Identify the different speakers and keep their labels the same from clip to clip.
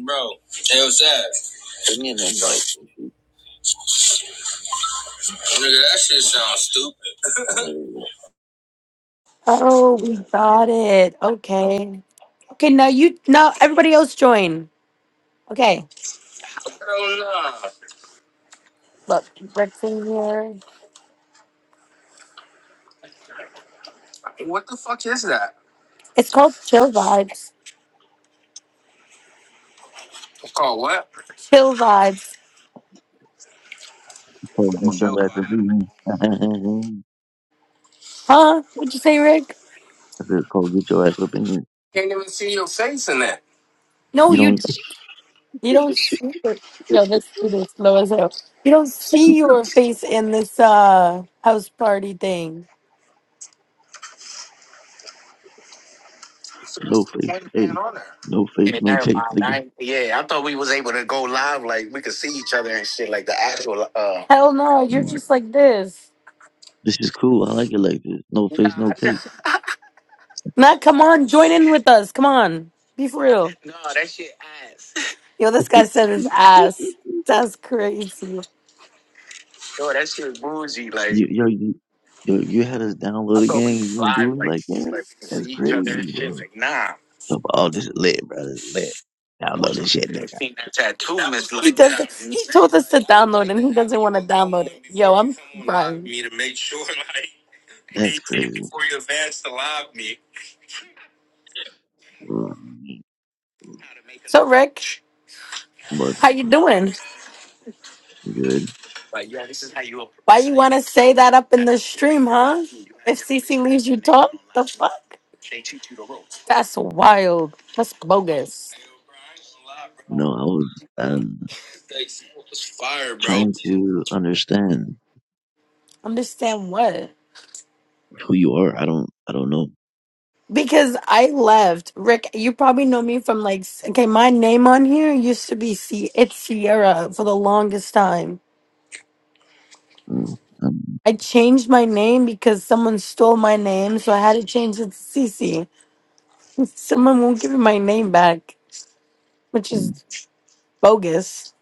Speaker 1: Bro, hell that. Give me an invite. Nigga, that shit sounds stupid. Oh, we got it. Okay. Okay, now you now everybody else join. Okay. Hell Look, Rick's in here. nah. What the fuck is that? It's called chill vibes. It's called what? Chill vibes.
Speaker 2: Cole, get
Speaker 1: Chill,
Speaker 2: your ass
Speaker 1: man.
Speaker 2: up in here. I
Speaker 1: Huh? What'd you say, Rick?
Speaker 2: said, Cole, get your ass up in here.
Speaker 1: Can't even see your face in that. No,
Speaker 2: You
Speaker 1: you
Speaker 2: don't,
Speaker 1: You don't see your, yo, this dude is slow as hell. You don't see your face in this uh house party thing. So
Speaker 2: no
Speaker 1: what's the
Speaker 2: face,
Speaker 1: point of being
Speaker 2: hey,
Speaker 1: on there?
Speaker 2: no face,
Speaker 1: Yeah,
Speaker 2: no
Speaker 1: never
Speaker 2: case,
Speaker 1: mind. I
Speaker 2: nigga.
Speaker 1: ain't- yeah, I thought we was able to go live, like we could see each other and shit, like the actual uh Hell no, you're
Speaker 2: Mm,
Speaker 1: just like this.
Speaker 2: This is cool. I like it like this. No
Speaker 1: Nah,
Speaker 2: face, no
Speaker 1: nah,
Speaker 2: case.
Speaker 1: Nah, come on, join in with us. Come on. Be for real. no, that shit ass. Yo, this
Speaker 2: you,
Speaker 1: guy said his ass. That's crazy. Yo, that shit bougie, like
Speaker 2: yo, you, yo, you had us
Speaker 1: I
Speaker 2: download a
Speaker 1: thought we
Speaker 2: gang and you
Speaker 1: was
Speaker 2: gonna do
Speaker 1: live,
Speaker 2: it
Speaker 1: like,
Speaker 2: like
Speaker 1: just
Speaker 2: that?
Speaker 1: like we can
Speaker 2: That's
Speaker 1: see each other and
Speaker 2: crazy,
Speaker 1: shit.
Speaker 2: bro.
Speaker 1: Like, nah.
Speaker 2: So, oh, this is lit, bro. This is lit.
Speaker 1: I was
Speaker 2: Download this
Speaker 1: trying to
Speaker 2: shit,
Speaker 1: finish
Speaker 2: nigga.
Speaker 1: seeing that tattoo, Miss He Lisa. doesn't. He told us to download, and he doesn't want to download it. Yo, I'm crying. Me to make sure, like,
Speaker 2: That's
Speaker 1: they did
Speaker 2: crazy.
Speaker 1: before you advance to live me.
Speaker 2: Mm,
Speaker 1: So, Rick,
Speaker 2: But
Speaker 1: how you doing?
Speaker 2: good.
Speaker 1: Like, yo, this is how you. approach- Why you want to say that up in the stream, huh? If CC leaves you, talk the fuck. They teach you the ropes. That's wild. That's bogus.
Speaker 2: No, I was um, trying
Speaker 1: Ropes.
Speaker 2: to understand.
Speaker 1: Understand what?
Speaker 2: who you are. I don't I don't know.
Speaker 1: Because I left. Rick, you probably know me from like, s- okay, my name on here used to be C. It's Sierra for the longest time.
Speaker 2: Mm, um,
Speaker 1: I changed my name because someone stole my name, so I had to change it to Cece. Someone won't give me my name back, which
Speaker 2: mm,
Speaker 1: is bogus.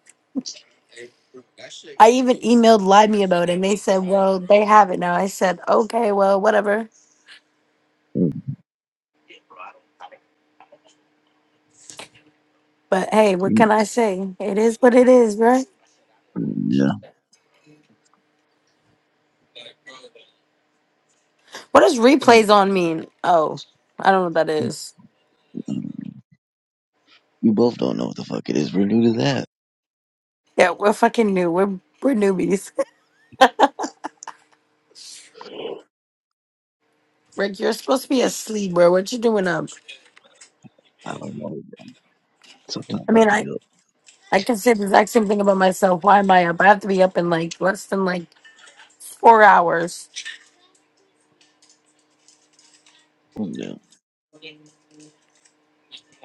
Speaker 1: I even emailed Limey about it, and they said, well, they have it now. I said, okay, well, whatever.
Speaker 2: mm,
Speaker 1: But hey, what
Speaker 2: mm,
Speaker 1: can I say? It is what it is, right?
Speaker 2: mm, Yeah,
Speaker 1: What does
Speaker 2: Mm,
Speaker 1: replays on mean? Oh, I don't know what that
Speaker 2: mm,
Speaker 1: is.
Speaker 2: I don't- we both don't know what the fuck it is. We're new to that.
Speaker 1: Yeah, we're fucking new. We're we're newbies. Rick, you're supposed to be asleep, bro. What you doing up?
Speaker 2: I don't know. Sometimes
Speaker 1: I
Speaker 2: I
Speaker 1: mean,
Speaker 2: be
Speaker 1: I
Speaker 2: up.
Speaker 1: I can say the exact same thing about myself. Why am I up? I have to be up in like less than like four hours,
Speaker 2: Mm, Yeah.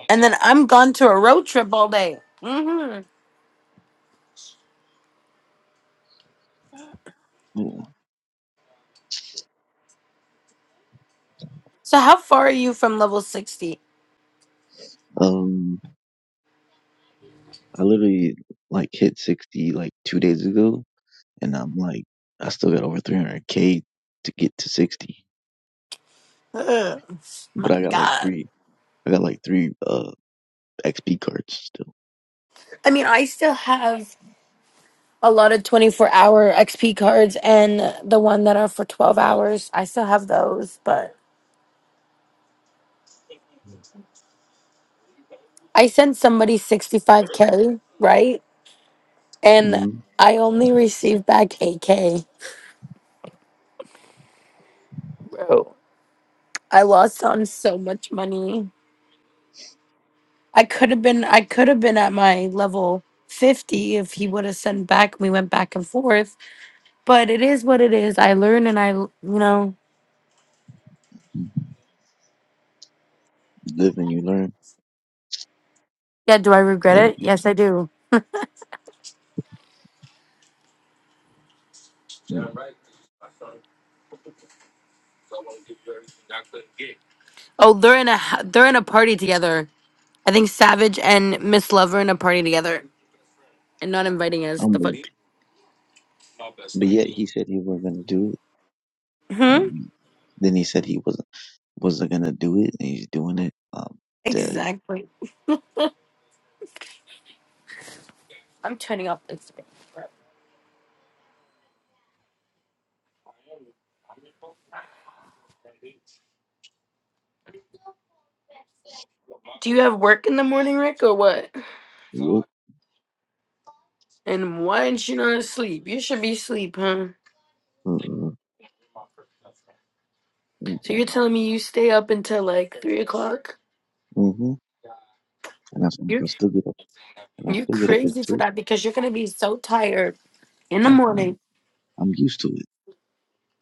Speaker 1: and then I'm gone to a road trip all day. hmm
Speaker 2: yeah.
Speaker 1: So how far are you from level sixty?
Speaker 2: Um, I literally like hit sixty like two days ago, and I'm like, I still got over three hundred k to get to sixty,
Speaker 1: Ugh,
Speaker 2: but
Speaker 1: my
Speaker 2: I got like
Speaker 1: God.
Speaker 2: three. I got like three uh XP cards still.
Speaker 1: I mean, I still have a lot of twenty four hour XP cards and the one that are for twelve hours. I still have those, but I sent somebody sixty five k, right? And
Speaker 2: Mm-hmm.
Speaker 1: I only received back 8K, bro. I lost on so much money. I could have been I could have been at my level 50 if he would have sent back we went back and forth. But it is what it is. I learn and I you know
Speaker 2: Live and you learn.
Speaker 1: yeah, do I regret
Speaker 2: So,
Speaker 1: it? Yes I do.
Speaker 2: mm,
Speaker 1: Oh, they're in a h- they're in a party together. I think Savage and Miss Lover in a party together and not inviting us. The fuck.
Speaker 2: I'm, but yet he said he wasn't gonna do it. Um,
Speaker 1: Hmm?
Speaker 2: we- then he said he wasn't wasn't gonna do it, and he's doing it. Um, dead.
Speaker 1: Exactly. I'm turning off Instagram. Do you have work in the morning, Rick, or what?
Speaker 2: Yep.
Speaker 1: And why aren't you not asleep? You should be asleep, huh?
Speaker 2: Mm-mm.
Speaker 1: So you're telling me you stay up until like three o'clock?
Speaker 2: Mm-hmm. And that's when
Speaker 1: You're
Speaker 2: I still get up, and I
Speaker 1: you're
Speaker 2: still get up at
Speaker 1: crazy for
Speaker 2: two.
Speaker 1: that because you're gonna be so tired in the
Speaker 2: Fuck no,
Speaker 1: morning.
Speaker 2: I'm used to it.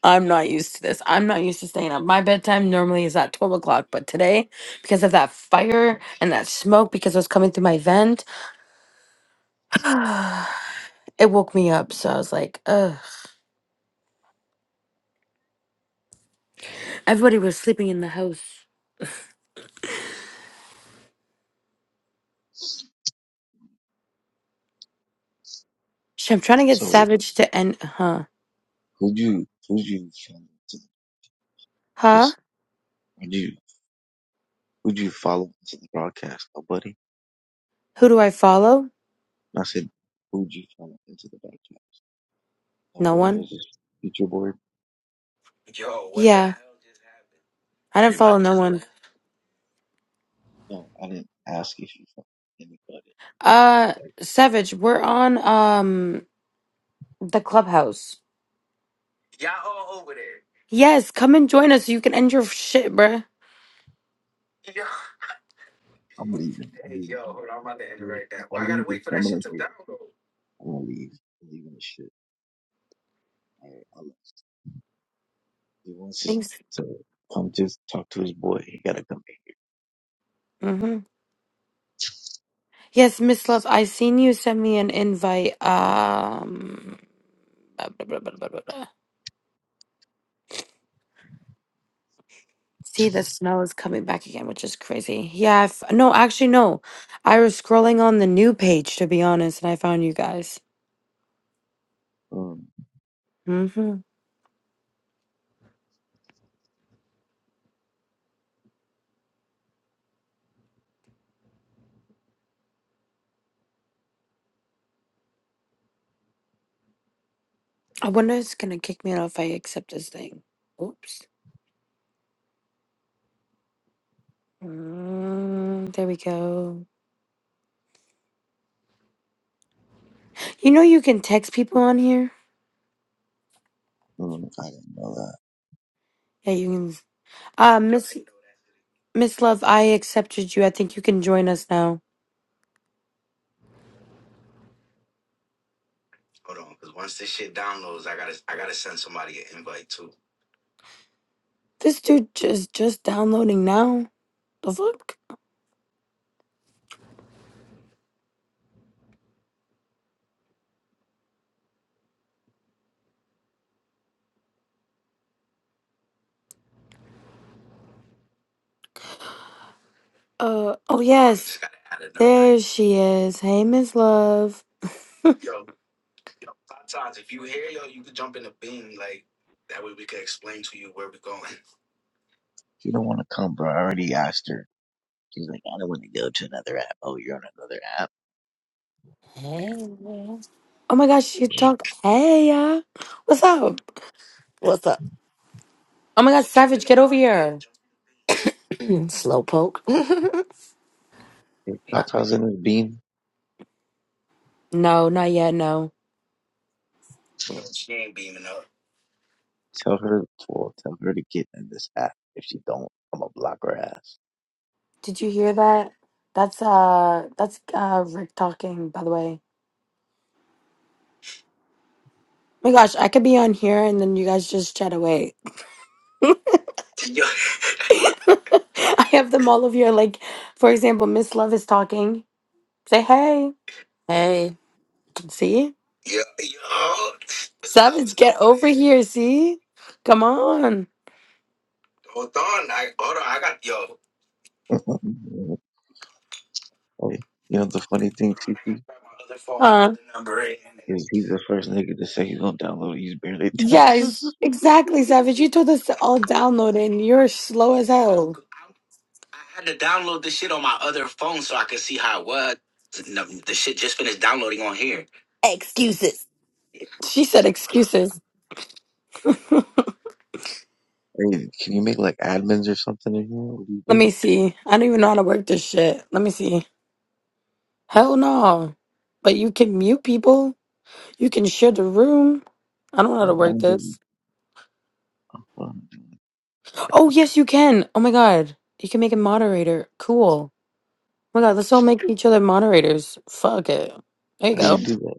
Speaker 1: I'm not used to this. I'm not used to staying up. My bedtime normally is at twelve o'clock, but today, because of that fire and that smoke, because it was coming through my vent, it woke me up. So I was like, ugh. Everybody was sleeping in the house. Shit, I'm trying to get
Speaker 2: So
Speaker 1: Savage to end, huh?
Speaker 2: who'd you who'd you follow to
Speaker 1: Huh?
Speaker 2: just would you would you follow into the broadcast? Nobody.
Speaker 1: Who do I follow?
Speaker 2: And I said, who'd you follow into the broadcast?
Speaker 1: No
Speaker 2: Nobody. It
Speaker 1: one.
Speaker 2: was just future board.
Speaker 1: Yo, what the Yeah, hell just happened? I didn't
Speaker 2: Mm.
Speaker 1: follow Everybody no just one. left.
Speaker 2: No, I didn't ask if you followed anybody.
Speaker 1: Uh,
Speaker 2: Like
Speaker 1: Savage, we're on um the clubhouse. Y'all all over there. Yes, come and join us. You can end your shit, bruh.
Speaker 2: I'm leaving. I'm leaving. the broadcast. Even if All these is coming in here. I'm gonna leave. I'm leaving this shit. All right, I'll let you one second.
Speaker 1: Thanks.
Speaker 2: So come just talk to his boy. He gotta come back
Speaker 1: Mm-hmm. Yes, Miss Love, I seen you send me an invite. Um, blah, blah, blah, blah, blah, blah, blah. See, the smell is coming back again, which is crazy. Yeah, I f- no, actually, no. I was scrolling on the new page, to be honest, and I found you guys.
Speaker 2: here. Mm,
Speaker 1: Mm-hmm. I wonder if it's gonna kick me out if I accept this thing. Oops. Mm, there we go. You know you can text people on here.
Speaker 2: mm, I didn't know that.
Speaker 1: Yeah, you can. Uh, Miss Miss Love, I accepted you. I think you can join us now. This dude just just downloading now. The fuck? Uh oh yes. There she is. Hey Miss Love.
Speaker 2: She don't wanna come, bro. I already asked her. She's like, I don't wanna go to another app. Oh, you're on another app?
Speaker 3: Hey,
Speaker 2: There,
Speaker 3: girl.
Speaker 1: Oh my gosh, you
Speaker 2: bro.
Speaker 1: talk. Hey, yeah. What's up?
Speaker 3: What's up?
Speaker 1: Oh my gosh, Savage, get over here.
Speaker 3: Slowpoke.
Speaker 2: If
Speaker 1: Uh,
Speaker 2: Tata's in his beam,
Speaker 1: no, not yet. No.
Speaker 2: bro, tell her well, tell her to get in this app. If she don't, I'm gonna block her ass.
Speaker 1: Did you hear that? That's uh, that's uh, Rick talking. By the way. Oh my gosh, I could be on here and then you guys just chat away. Yo. I have them all over here. Like, for example, Miss Love is talking. Say hey.
Speaker 3: hey,
Speaker 1: See? Yeah, Yo, Savage, get over here. See? Come on. Hold hold on, on. I hold on. I got yo.
Speaker 2: Okay. You know the funny thing,
Speaker 1: Hold
Speaker 2: Cece,
Speaker 1: Huh?
Speaker 2: is he's the first nigga to say he's gonna download. He's barely done.
Speaker 1: Yes, exactly, Savage. You told us to all download it, and you're slow as hell. I had to download the shit on my other phone so I could see how it was. No, The shit just finished downloading on here.
Speaker 3: Excuses.
Speaker 1: She said excuses. Let
Speaker 2: Hey, can you make like admins or something in here? What do you do?
Speaker 1: me see. I don't even know how to work this shit. Let me see. Hell no. But you can mute people. You can share the room. I don't know how to
Speaker 2: Oh,
Speaker 1: work
Speaker 2: don't do that.
Speaker 1: this.
Speaker 2: Oh,
Speaker 1: Oh, yes, you can. Oh my God. You can make a moderator. Cool. Oh my God, let's all make each other moderators. Fuck it. There you
Speaker 2: How do you
Speaker 1: go.
Speaker 2: do that?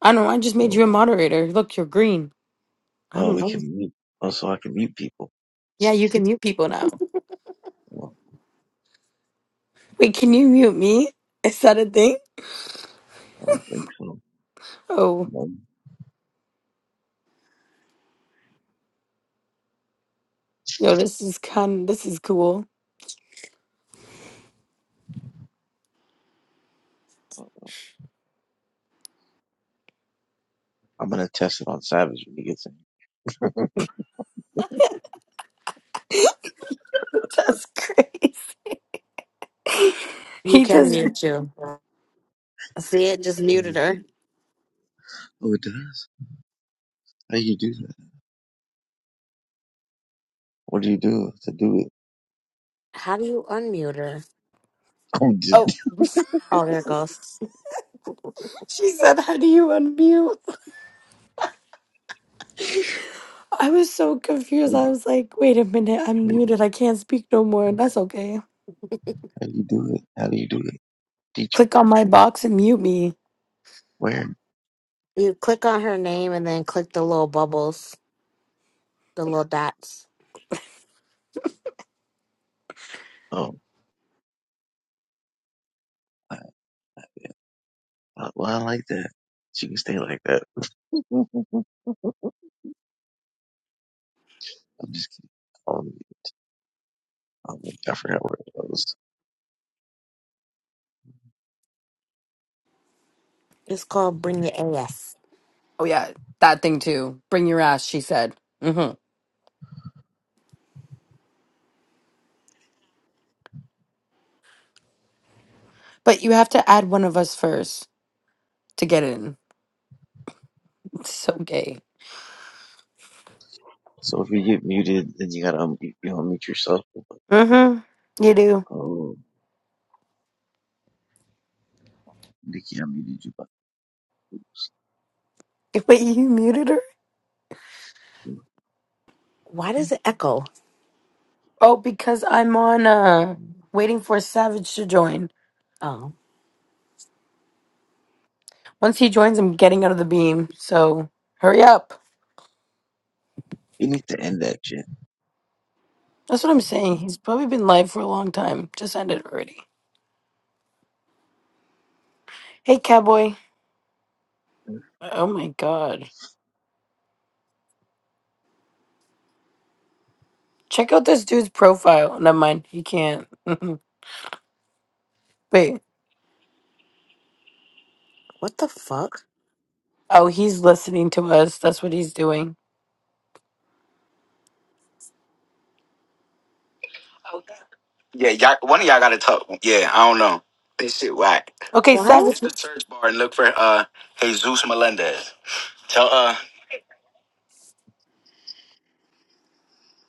Speaker 1: I know. I just made
Speaker 2: Oh,
Speaker 1: you a moderator. Look, you're green.
Speaker 2: oh,
Speaker 1: I'm.
Speaker 2: we can mute. Oh, so I can mute people.
Speaker 1: Yeah, you can mute people now.
Speaker 2: Oh,
Speaker 1: Wait, can you mute me? Is that a thing?
Speaker 2: I don't think so.
Speaker 1: Oh,
Speaker 2: No.
Speaker 1: yo, this is kind. This is cool.
Speaker 2: I'm gonna test it on Savage when he gets in.
Speaker 1: That's crazy.
Speaker 3: you
Speaker 1: He
Speaker 3: can
Speaker 1: does.
Speaker 3: mute you. See it? Just muted
Speaker 2: Mm.
Speaker 3: her.
Speaker 2: Oh, it does? How do you do that? What do you do to do it?
Speaker 3: How do you unmute her?
Speaker 2: Oh, did-
Speaker 1: Oh,
Speaker 3: Oh, there it goes.
Speaker 1: she said, "How do you unmute?" I was so confused.
Speaker 2: what do
Speaker 1: I
Speaker 2: you-
Speaker 1: was like, "Wait a minute, I'm
Speaker 2: how
Speaker 1: muted. I can't speak no more." That's okay.
Speaker 2: do you do it? How do you do it? Teach me.
Speaker 1: Click on my box and mute me.
Speaker 2: Where?
Speaker 3: You click on her name and then click the little bubbles, the little dots.
Speaker 2: Oh, I, I, well, I like that. She can stay like that. I'm just kidding. Oh, I forgot where it was.
Speaker 3: It's called Bring the AS.
Speaker 1: Oh yeah, that thing too. Bring your ass, she said. hmm But you have to add one of us first to get in. It's so gay.
Speaker 2: So if you get muted, then you gotta unmute, you know, mute yourself.
Speaker 1: hmm You do.
Speaker 2: Oh, Nikki, I muted you. But
Speaker 1: Wait, you muted her?
Speaker 2: you
Speaker 3: Why does it echo?
Speaker 1: Oh, because I'm on uh waiting for Savage to join.
Speaker 3: Oh,
Speaker 1: Once he joins, I'm getting out of the beam. So hurry up.
Speaker 2: need to end that shit.
Speaker 1: That's what I'm saying. He's probably been live for a long time. Just end it already. Hey, cowboy. Oh my god. Check out this dude's profile. Never mind. He can't. Wait.
Speaker 3: What the fuck?
Speaker 1: Oh, he's listening to us. That's what he's doing. Yeah, y'all, one of y'all got to talk. Yeah, I don't know. This shit whack. Okay, Hit
Speaker 3: Why?
Speaker 1: Savage. Hit the search bar and look for uh Jesus Melendez. Tell uh How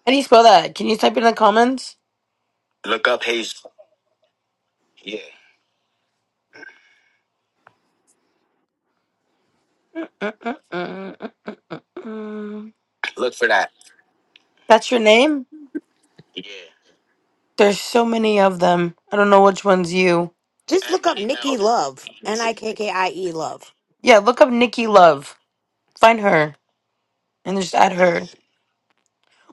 Speaker 1: do you spell that? Can you type in the comments? look up Jesus. Yeah, Mm-mm-mm-mm-mm. look for that. That's your name? Yeah. There's so many of them. I don't know which one's you.
Speaker 3: Just
Speaker 1: M
Speaker 3: look up
Speaker 1: E L
Speaker 3: Nikki Love.
Speaker 1: E
Speaker 3: N
Speaker 1: Z.
Speaker 3: I K K I E Love.
Speaker 1: Yeah, look up Nikki Love. Find her and just add her.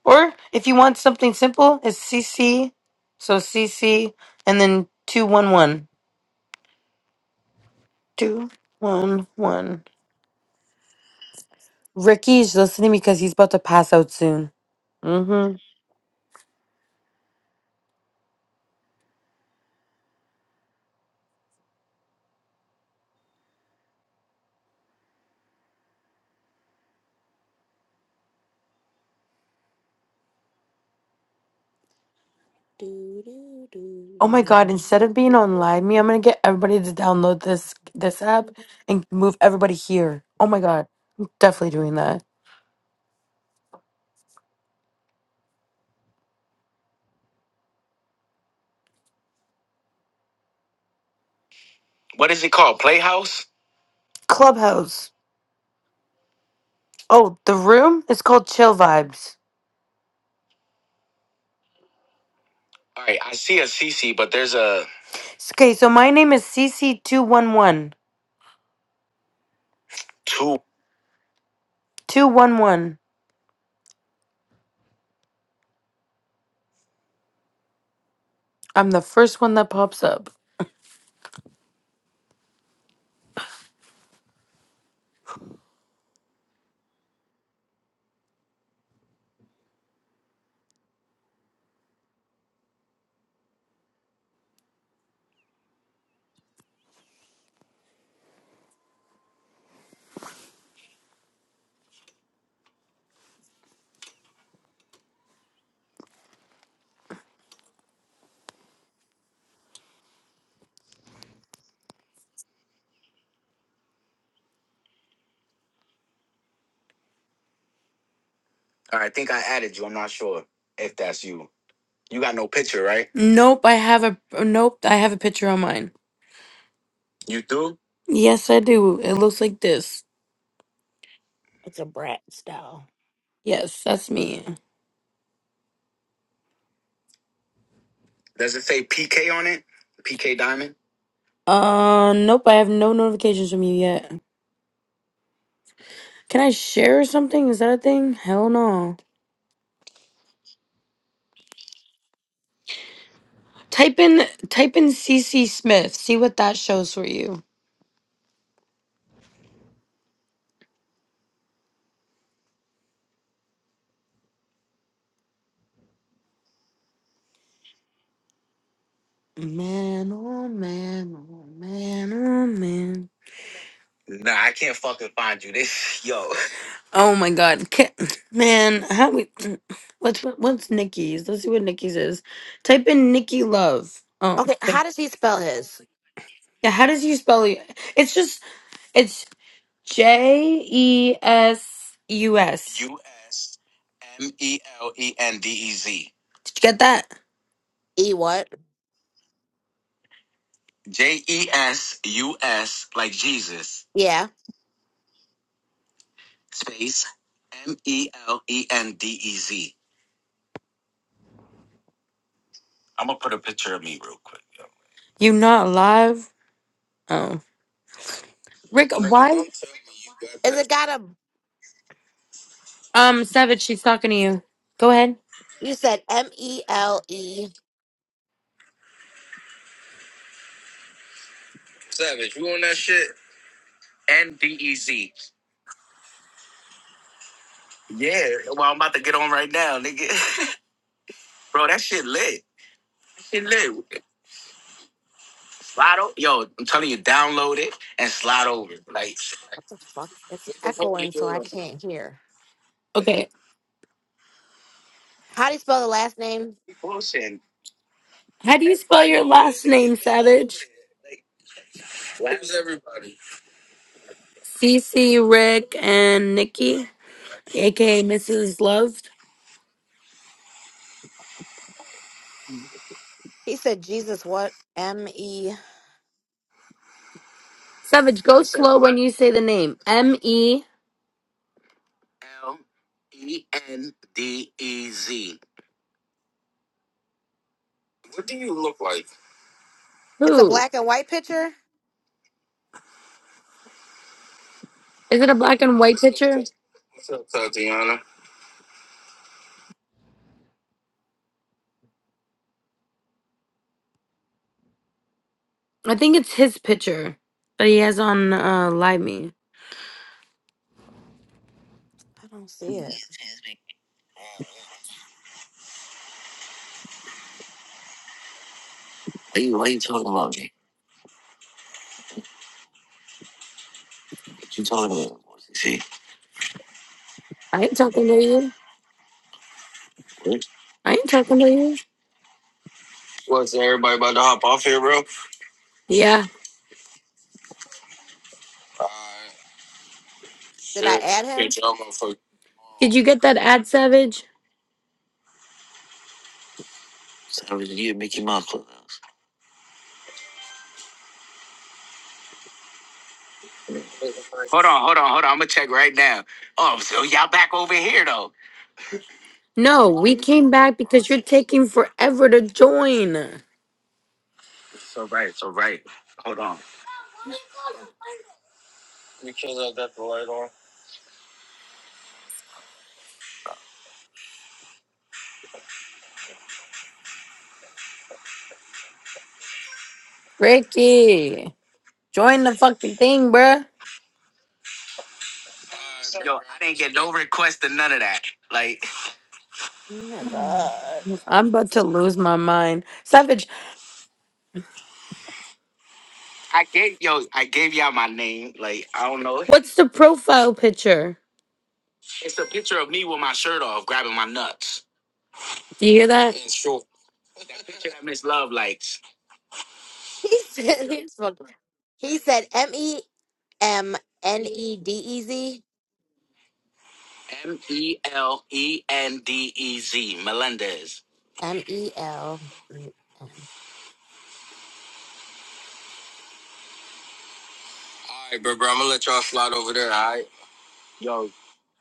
Speaker 1: Or if you want something simple, it's CC. So CC and then 211. 211. Ricky's listening because he's about to pass out soon. Mm-hmm.
Speaker 3: Do, do, do,
Speaker 1: Oh
Speaker 3: do,
Speaker 1: my god,
Speaker 3: do,
Speaker 1: instead of being
Speaker 3: do,
Speaker 1: on Live
Speaker 3: do,
Speaker 1: Me, I'm gonna get everybody to download this this app
Speaker 3: do,
Speaker 1: and move everybody here. Oh
Speaker 3: do,
Speaker 1: my god. I'm
Speaker 3: do.
Speaker 1: definitely doing that. What is it called? Playhouse? Clubhouse. Oh, the room? It's called Chill Vibes. All right, I see a CC, but there's a Okay, so my name is CC211. two. 211. I'm the first one that pops up. I think I added you. I'm not sure if that's you. You got no picture, right? Nope, I have a nope, I have a picture on mine. You do? Yes, I do. It looks like this.
Speaker 3: It's a brat style.
Speaker 1: Yes, that's me. Does it say PK on it? PK Diamond? Uh, nope, I have no notifications from you yet. Can I share or something? Is that a thing? Hell no. Type in type in C. C. Smith. See what that shows for you. Man, oh man, oh man, oh man. Nah, I can't fucking find you. This yo. Oh my god. Ca- Man, how we what's what's Nikki's? Let's see what Nikki's is. Type in Nikki Love. Oh.
Speaker 3: Okay, how does he spell his?
Speaker 1: Yeah, how does you spell it? It's just it's J E S U S. U S M E L E N D E Z. Did you get that?
Speaker 3: E what?
Speaker 1: J E S U S, like Jesus,
Speaker 3: Yeah.
Speaker 1: space M E L E N D E Z. I'm gonna put a picture of me real quick. yo. You not live? Oh. Rick, why?
Speaker 3: Is it got a
Speaker 1: Um, Savage, she's talking to you. Go ahead.
Speaker 3: you said M E L E
Speaker 1: Savage, you on that shit? N D E Z. Yeah, well, I'm about to get on right now, nigga. Bro, that shit lit. That Shit lit. Slide over. Yo, I'm telling you, download it and slide over. Like,
Speaker 3: what the fuck? It's
Speaker 1: what the fuck you
Speaker 3: echoing so I
Speaker 1: doing?
Speaker 3: can't hear. How do you spell the last name?
Speaker 1: Okay. How do you spell your last name, Savage? CC, Rick, and Nikki, aka Mrs. Love.
Speaker 3: He said Jesus what? M E
Speaker 1: Savage, go slow when you say the name. M. E. L. E. N. D. E. Z. What do you look like?
Speaker 3: It's a
Speaker 1: Who?
Speaker 3: black and white picture?
Speaker 1: Is it a black and white picture? What's up, Tatiana? I think it's his picture that he has on uh, Live Me.
Speaker 3: I don't see it.
Speaker 1: I ain't talking to you. I ain't talking to you. What's everybody about to hop off here, bro? Yeah.
Speaker 3: Did I
Speaker 1: Shit,
Speaker 3: add
Speaker 1: I
Speaker 3: him?
Speaker 1: get y'all motherfuckers. Did you get that ad, Savage? Savage, you Mickey Mouse. Hold on, hold on, hold on. I'm gonna check right now. Oh, so y'all back over here though. No, we came back because you're taking forever to join. So right, so right. Hold on. Because I got the light on. Ricky, join the fucking thing, bruh. Yo, I didn't get no request or none of that. Like,
Speaker 3: Oh my god.
Speaker 1: I'm about to lose my mind. Savage, I gave yo, I gave y'all my name. Like I don't know. What's the profile picture? It's a picture of me with my shirt off, grabbing my nuts. Do you hear that? It's short. Picture that Miss Love likes.
Speaker 3: He said he spelled- he said M E M N E D E Z
Speaker 1: M E L E N D E Z Melendez.
Speaker 3: M E L E M.
Speaker 1: All right, bro, bro. I'm gonna let y'all slide over there. All right. Yo,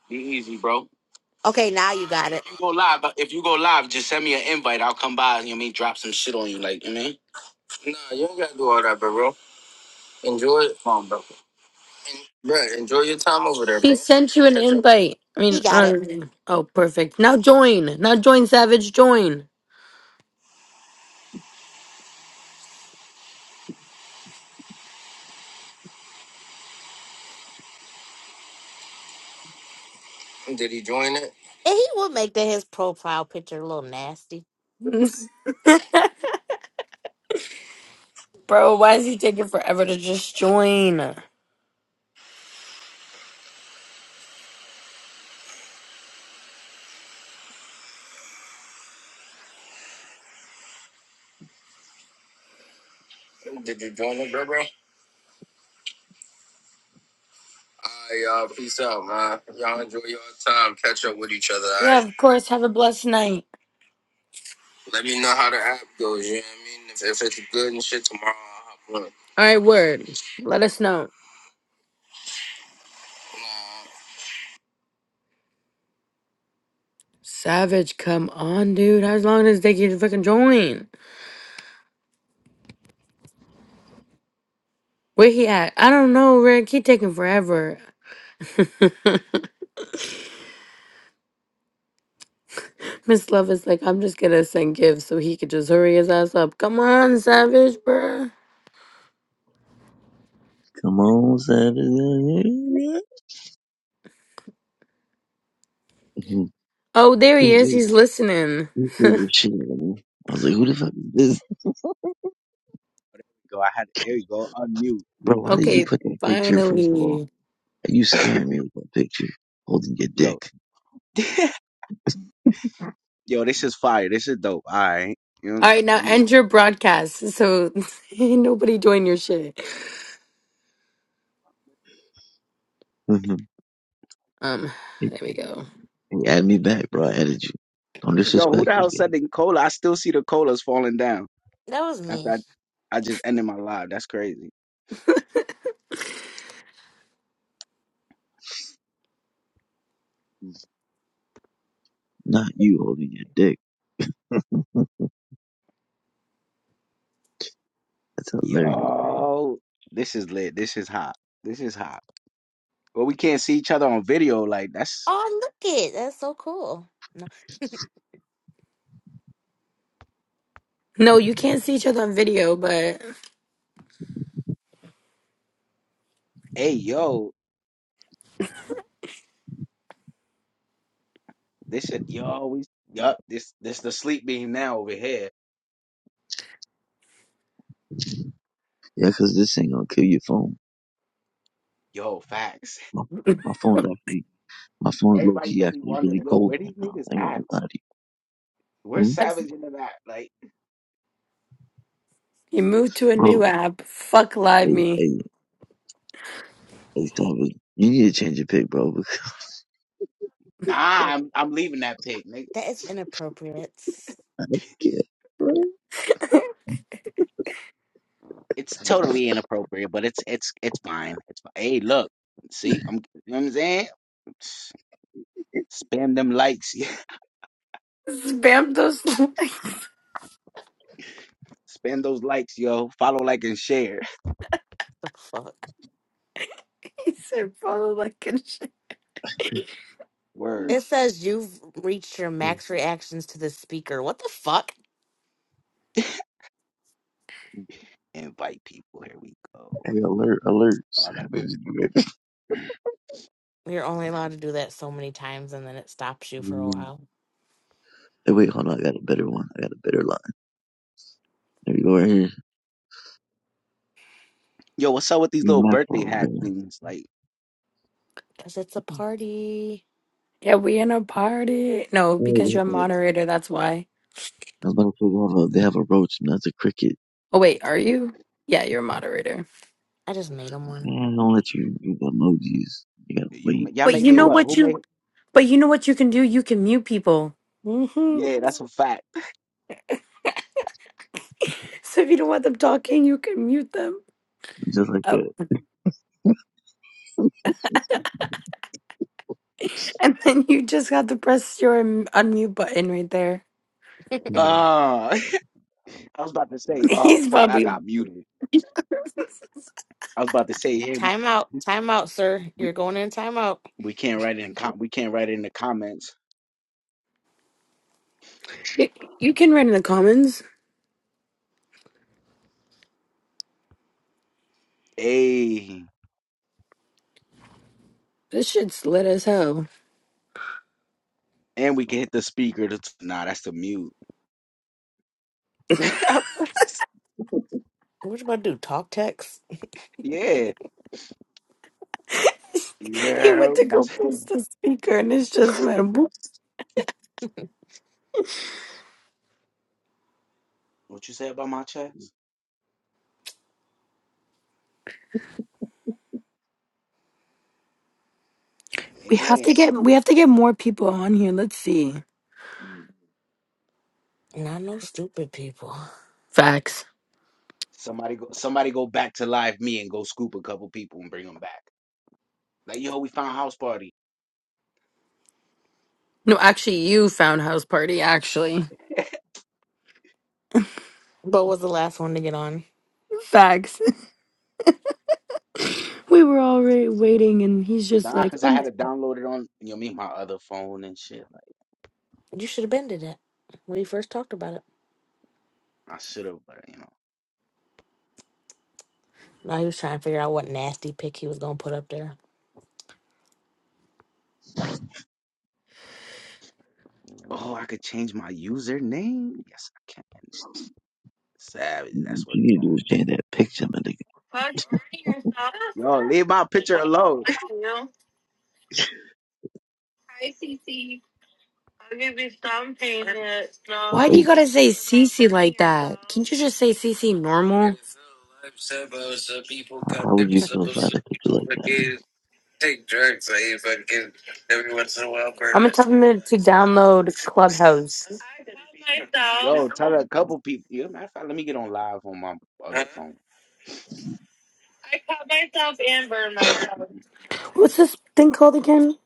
Speaker 1: be easy, bro. All
Speaker 3: Okay, now you
Speaker 1: right,
Speaker 3: got
Speaker 1: bro.
Speaker 3: it.
Speaker 1: If you go live, if you go live, just send me an invite. I'll come by. You know what I mean? Drop some shit on you, like you know what I mean? Uh, You all right, bro? bro. He sent you an invite. I
Speaker 3: He
Speaker 1: mean,
Speaker 3: got it.
Speaker 1: uh, oh, perfect. Now join. Now join, Savage. Join. Did he join it?
Speaker 3: And he would make that his profile picture a little nasty.
Speaker 1: Bro, why is he taking forever to just join? Did you- Alright, y'all. Peace out, man. Y'all enjoy your time. Catch up with each other. All right? Yeah, of course. Have a blessed night. Let me know how the app goes. You know what I mean? If, if it's good and shit tomorrow, I'll hop on. Alright, word. Let us know. Savage, come on, dude. How long does it take you to fucking join? Where he at? I don't know, Rick. He taking forever. Miss Love is like, I'm just gonna send gifts so he could just hurry his ass up. Come on, Savage, bruh.
Speaker 2: Come on, Saturday. Mhm.
Speaker 1: Oh, there he
Speaker 2: Who's
Speaker 1: is.
Speaker 2: this?
Speaker 1: He's listening.
Speaker 2: Who threw this shit at me? I was like, who the fuck is this?
Speaker 4: go. I had there you go. Unmute.
Speaker 2: Bro, why did you
Speaker 1: Okay,
Speaker 2: put that picture, first of all?
Speaker 1: finally.
Speaker 2: Are You scaring me with that picture, holding your
Speaker 4: Yo.
Speaker 2: dick.
Speaker 4: Yo, this is fire. This is dope. All right. You know,
Speaker 1: All right, now
Speaker 4: let me-
Speaker 1: end your broadcast so ain't nobody doing your shit.
Speaker 2: Mhm.
Speaker 1: Um,
Speaker 2: hey,
Speaker 1: there we go.
Speaker 2: hey, add me back, bro. I added you. Don't
Speaker 4: yo, who
Speaker 2: disrespect
Speaker 4: the
Speaker 2: me,
Speaker 4: hell said the
Speaker 2: gang.
Speaker 4: cola? I still see the colas falling down
Speaker 3: That was
Speaker 4: after
Speaker 3: me.
Speaker 4: I, I just ended my live. That's crazy.
Speaker 2: Not you holding your dick. That's hilarious.
Speaker 4: Yo, this is lit. This is hot. This is hot. Well, we can't see each other on video. Like that's
Speaker 3: Oh, look it. That's so cool. No,
Speaker 1: No, you can't see each other on video, but
Speaker 4: hey yo. This shit, yo, we yup. This this the sleep beam now over here.
Speaker 2: Yeah, 'cause this ain't gonna kill your phone.
Speaker 4: Yo, facts.
Speaker 2: My, my phone's actually, my phone's low
Speaker 4: Everybody's
Speaker 2: key
Speaker 4: gonna be
Speaker 2: actually really
Speaker 4: wondering, yo,
Speaker 2: cold
Speaker 4: where
Speaker 2: right
Speaker 4: these
Speaker 2: now.
Speaker 4: niggas
Speaker 2: I ain't gonna
Speaker 4: at?
Speaker 2: lie to you.
Speaker 4: Where's
Speaker 2: Hmm?
Speaker 1: I've-
Speaker 4: Savage in the back? Like.
Speaker 1: you moved to a new
Speaker 2: Bro,
Speaker 1: app. Fuck live
Speaker 2: hey,
Speaker 1: me.
Speaker 2: hey, hey, Savage, you need to change your pick, bro.
Speaker 3: like,
Speaker 4: Nah, I'm I'm leaving that pic, nigga.
Speaker 3: that is inappropriate.
Speaker 2: yeah.
Speaker 4: It's totally inappropriate, but it's it's it's fine. It's fine. Hey, look, see, I'm you know what I'm saying. Spam them likes, yeah.
Speaker 1: Spam those likes
Speaker 4: Spam those likes, yo. Follow, like, and share.
Speaker 3: The fuck?
Speaker 1: and follow like a
Speaker 4: Word.
Speaker 3: It says you've reached your max reactions to the speaker. What the fuck?
Speaker 4: Invite people. Here we go.
Speaker 2: Hey, alert, alert.
Speaker 4: Oh, I got to
Speaker 2: Savage.
Speaker 3: You're only allowed to do that so many times and then it stops you for a
Speaker 2: Mm.
Speaker 3: while.
Speaker 2: Hey, wait, hold on. I got a better one. I got a better line. There you go, right here.
Speaker 4: Yo, what's up with these
Speaker 2: You
Speaker 4: little
Speaker 2: maxed
Speaker 4: birthday
Speaker 2: out,
Speaker 4: hat
Speaker 2: man.
Speaker 4: things? Like,
Speaker 3: Because it's a
Speaker 2: Oh,
Speaker 3: party.
Speaker 1: Yeah, we in a party. No, because
Speaker 2: that-
Speaker 1: you're a
Speaker 2: oh.
Speaker 1: moderator, that's why.
Speaker 2: I was about to say they have a, they have a roach and that's a cricket.
Speaker 1: Oh wait, are you? Yeah, you're a moderator.
Speaker 3: I just made him one.
Speaker 2: Man, don't let you do the emojis. You gotta
Speaker 4: you
Speaker 2: wait.
Speaker 4: y'all
Speaker 1: But
Speaker 2: That's
Speaker 4: made
Speaker 1: you
Speaker 4: me
Speaker 1: know
Speaker 4: what? Who
Speaker 1: what
Speaker 2: bullshit.
Speaker 4: made?
Speaker 1: you but you know what you can do? You can mute people. hmm
Speaker 4: Yeah, that's a fact.
Speaker 1: So if you don't want them talking, you can mute them.
Speaker 2: Just like
Speaker 1: Oh,
Speaker 2: that.
Speaker 1: and then you just have to press your um, unmute button right there.
Speaker 4: Uh,
Speaker 2: Mm.
Speaker 4: I was about to say, oh
Speaker 1: He's
Speaker 4: fuck, I
Speaker 1: probably
Speaker 4: got muted. I was about to say, hey, we,
Speaker 3: Time out. Time out, sir.
Speaker 4: we,
Speaker 3: You're going in time out.
Speaker 4: we can't write it in com- we can't write it in the comments.
Speaker 1: You can write in the comments.
Speaker 4: Hey,
Speaker 1: This shit's lit as hell.
Speaker 4: and we can hit the speaker. To t- nah, that's the mute.
Speaker 3: What you about to do? Talk text?
Speaker 4: yeah,
Speaker 1: He
Speaker 4: yeah.
Speaker 1: went to go
Speaker 4: That's
Speaker 1: press the speaker and it's just went boop.
Speaker 4: what you said about my chest.
Speaker 1: We have to
Speaker 4: Man,
Speaker 1: get we have to get more people on here. Let's see.
Speaker 3: Not no stupid people.
Speaker 1: Facts.
Speaker 4: somebody go, somebody go back to live me and go scoop a couple people and bring them back. Like yo, we found house party.
Speaker 1: No, actually, you found House Party, actually.
Speaker 3: But was the last one to get on.
Speaker 1: Facts. We were already waiting, and he's just
Speaker 4: Nah,
Speaker 1: like,
Speaker 4: cause I
Speaker 1: um,
Speaker 4: had it downloaded on you know me my other phone and shit. Like
Speaker 3: You should have been to that when he first talked about it.
Speaker 4: I should have, but you know.
Speaker 3: Now he was trying to figure out what nasty pic he was gonna put up there.
Speaker 4: Oh, I could change my username. Yes, I can. Savage. That's
Speaker 2: What
Speaker 4: what
Speaker 2: you
Speaker 4: it's
Speaker 2: need to do
Speaker 4: going.
Speaker 2: is change that picture, man. Like,
Speaker 1: House Party or Sasha?
Speaker 4: Yo, leave my picture alone.
Speaker 1: Hi, Cece. I'll give you some pain in it. No. Why do you
Speaker 2: hey,
Speaker 1: gotta say CC like that? Can't you just say CC normal? I'm
Speaker 2: How how would you feel if I had a picture like that, man?
Speaker 1: gonna tell them to download Clubhouse. I told
Speaker 4: Yo, tell a couple people. Yeah, matter of fact, let me get on live on my other
Speaker 1: myself.
Speaker 4: phone.
Speaker 1: I cut myself and burned myself. What's this thing called again?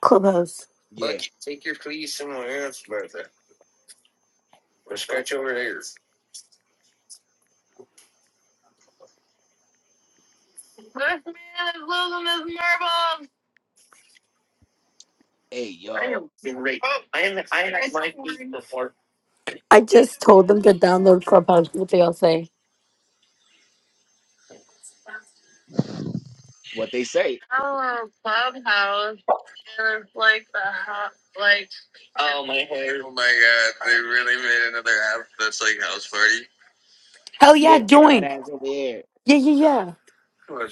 Speaker 1: Clubhouse. Look,
Speaker 4: Yeah.
Speaker 1: take your fleas somewhere else, Bertha. Go scratch over here. This man is losing his marbles.
Speaker 4: Hey,
Speaker 1: I
Speaker 4: yo.
Speaker 1: am great. Oh, it's fine. I am. I am at my feet before. I just told them to download Clubhouse. What they all say?
Speaker 4: What they say?
Speaker 1: Oh, clubhouse and it's like the hot, like. Oh Oh my my hair! Oh my god! They really made another app that's like house party. Hell yeah,
Speaker 4: Yeah, bring that
Speaker 1: join.
Speaker 4: ass over here.
Speaker 1: Yeah, yeah, yeah.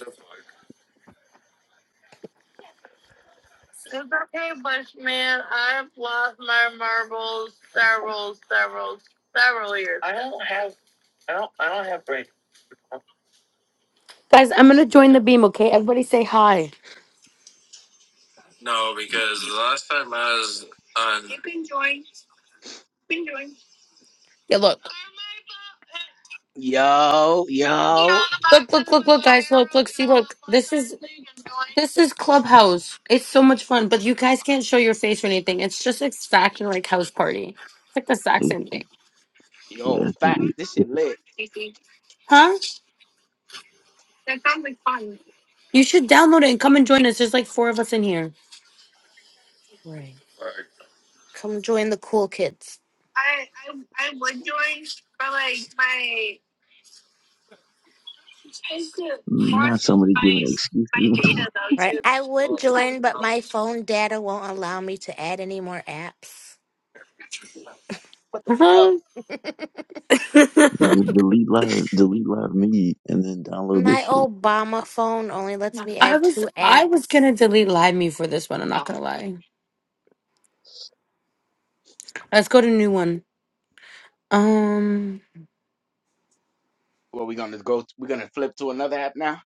Speaker 1: It's okay, Bushman. I've lost my marbles several, several, several years. I don't have. I don't. I don't have brain. Guys, I'm gonna join the beam, okay? Everybody say hi. No, because the last time I was on. Yeah, look.
Speaker 4: Yo, yo,
Speaker 1: Look, look, look, look, guys, look, look, see, look. This is this is Clubhouse. It's so much fun, but you guys can't show your face or anything. It's just exactly like house party. It's like the exact
Speaker 2: It-
Speaker 1: same thing.
Speaker 4: yo.
Speaker 2: yeah, it-
Speaker 4: Fact,
Speaker 2: it-
Speaker 4: This shit lit.
Speaker 1: Huh? You should download it and come and join us. There's like four of us in here.
Speaker 3: Right. Come join the cool kids.
Speaker 2: Not somebody giving excuses.
Speaker 3: Right? I would join, but my phone data won't allow me to add any more apps.
Speaker 4: What the fuck?
Speaker 1: Uh-huh.
Speaker 2: Just delete live, delete live me, and then download this
Speaker 3: My
Speaker 2: shit.
Speaker 3: Obama phone only lets me
Speaker 1: I
Speaker 3: add
Speaker 1: was
Speaker 3: two
Speaker 1: I was
Speaker 3: apps.
Speaker 1: gonna delete Live Me for this one. I'm not gonna lie. Let's go to new one. Um,
Speaker 4: Well, we gonna go. we gonna flip to another app now.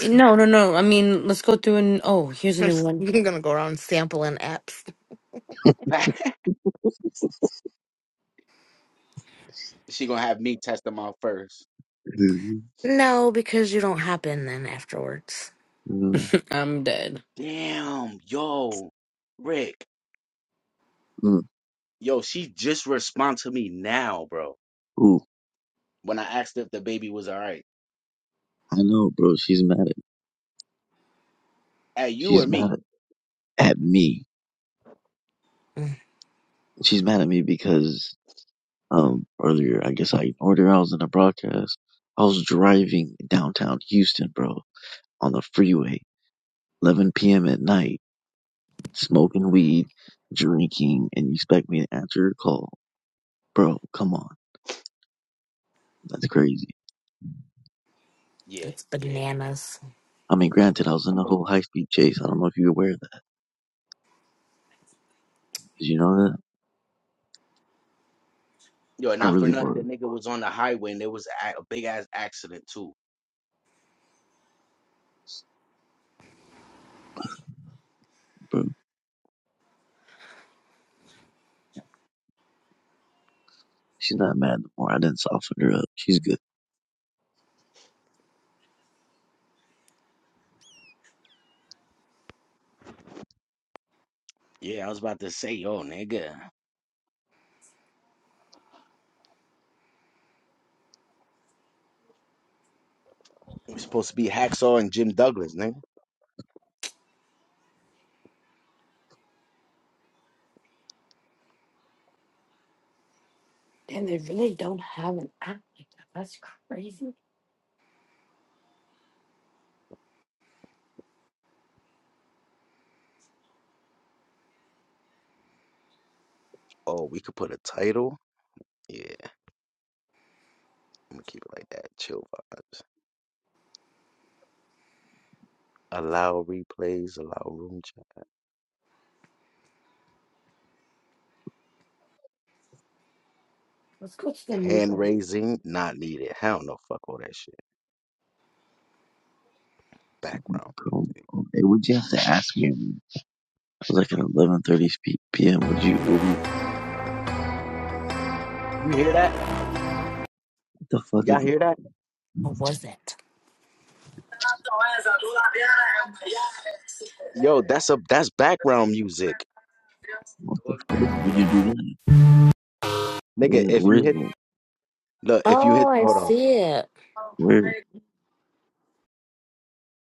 Speaker 1: no, no, no. I mean, let's go through and oh, here's a new
Speaker 3: I'm
Speaker 1: one.
Speaker 3: gonna go around sampling apps.
Speaker 4: Fact. she gonna have me test them out first.
Speaker 2: Mhm.
Speaker 3: No, because you don't hop in then afterwards.
Speaker 2: Mm,
Speaker 1: I'm dead.
Speaker 4: Damn, yo, Rick.
Speaker 2: mm.
Speaker 4: Yo, she just respond to me now, bro.
Speaker 2: Ooh,
Speaker 4: When I asked if the baby was alright.
Speaker 2: I know, bro. She's mad at
Speaker 4: Hey, you or
Speaker 2: she's
Speaker 4: me?
Speaker 2: mad at at me.
Speaker 3: Mm,
Speaker 2: She's mad at me because um earlier I guess I ignored her. I was in a broadcast. I was driving downtown Houston, bro, on the freeway, 11 p.m. at night smoking weed, drinking, and you expect me to answer your call. Bro, come on. That's crazy.
Speaker 4: Yeah,
Speaker 3: that's
Speaker 4: yeah.
Speaker 3: bananas.
Speaker 2: I mean,
Speaker 4: I'm
Speaker 2: granted, I
Speaker 4: on.
Speaker 2: was in a
Speaker 4: I'm on
Speaker 2: whole high speed chase. I don't know if you're aware of that. Did you know that?
Speaker 4: Yo,
Speaker 2: I
Speaker 4: not for
Speaker 2: really
Speaker 4: nothing, the
Speaker 2: was,
Speaker 4: nigga was on the highway and there was a, a big ass accident too.
Speaker 2: bro. She's not mad no more. I didn't soften her up. She's good.
Speaker 4: Yeah, I was about to say, yo, nigga, it was supposed to be Hacksaw and Jim Douglas, nigga. Oh, we could put a title. Yeah, I'm gonna keep it like that. Chill vibes. Allow replays. Allow room chat. Hand raising not needed. Hell no, fuck all that shit. Background
Speaker 2: Bro,
Speaker 4: music.
Speaker 2: hey, would you have to ask me? I was like at 11:30 p.m. Would you? Would you
Speaker 4: You hear that?
Speaker 2: what the fuck
Speaker 4: Y'all
Speaker 2: is that?
Speaker 4: hear that?
Speaker 3: What was it?
Speaker 4: Yo, that's a that's background music.
Speaker 2: What the fuck? Would you do that?
Speaker 4: Nigga,
Speaker 2: Where,
Speaker 4: if
Speaker 2: where
Speaker 4: you
Speaker 2: is
Speaker 4: hit
Speaker 2: it?
Speaker 4: look, if you
Speaker 3: Oh,
Speaker 4: hit
Speaker 3: I
Speaker 4: hold on.
Speaker 3: see it.
Speaker 2: Where,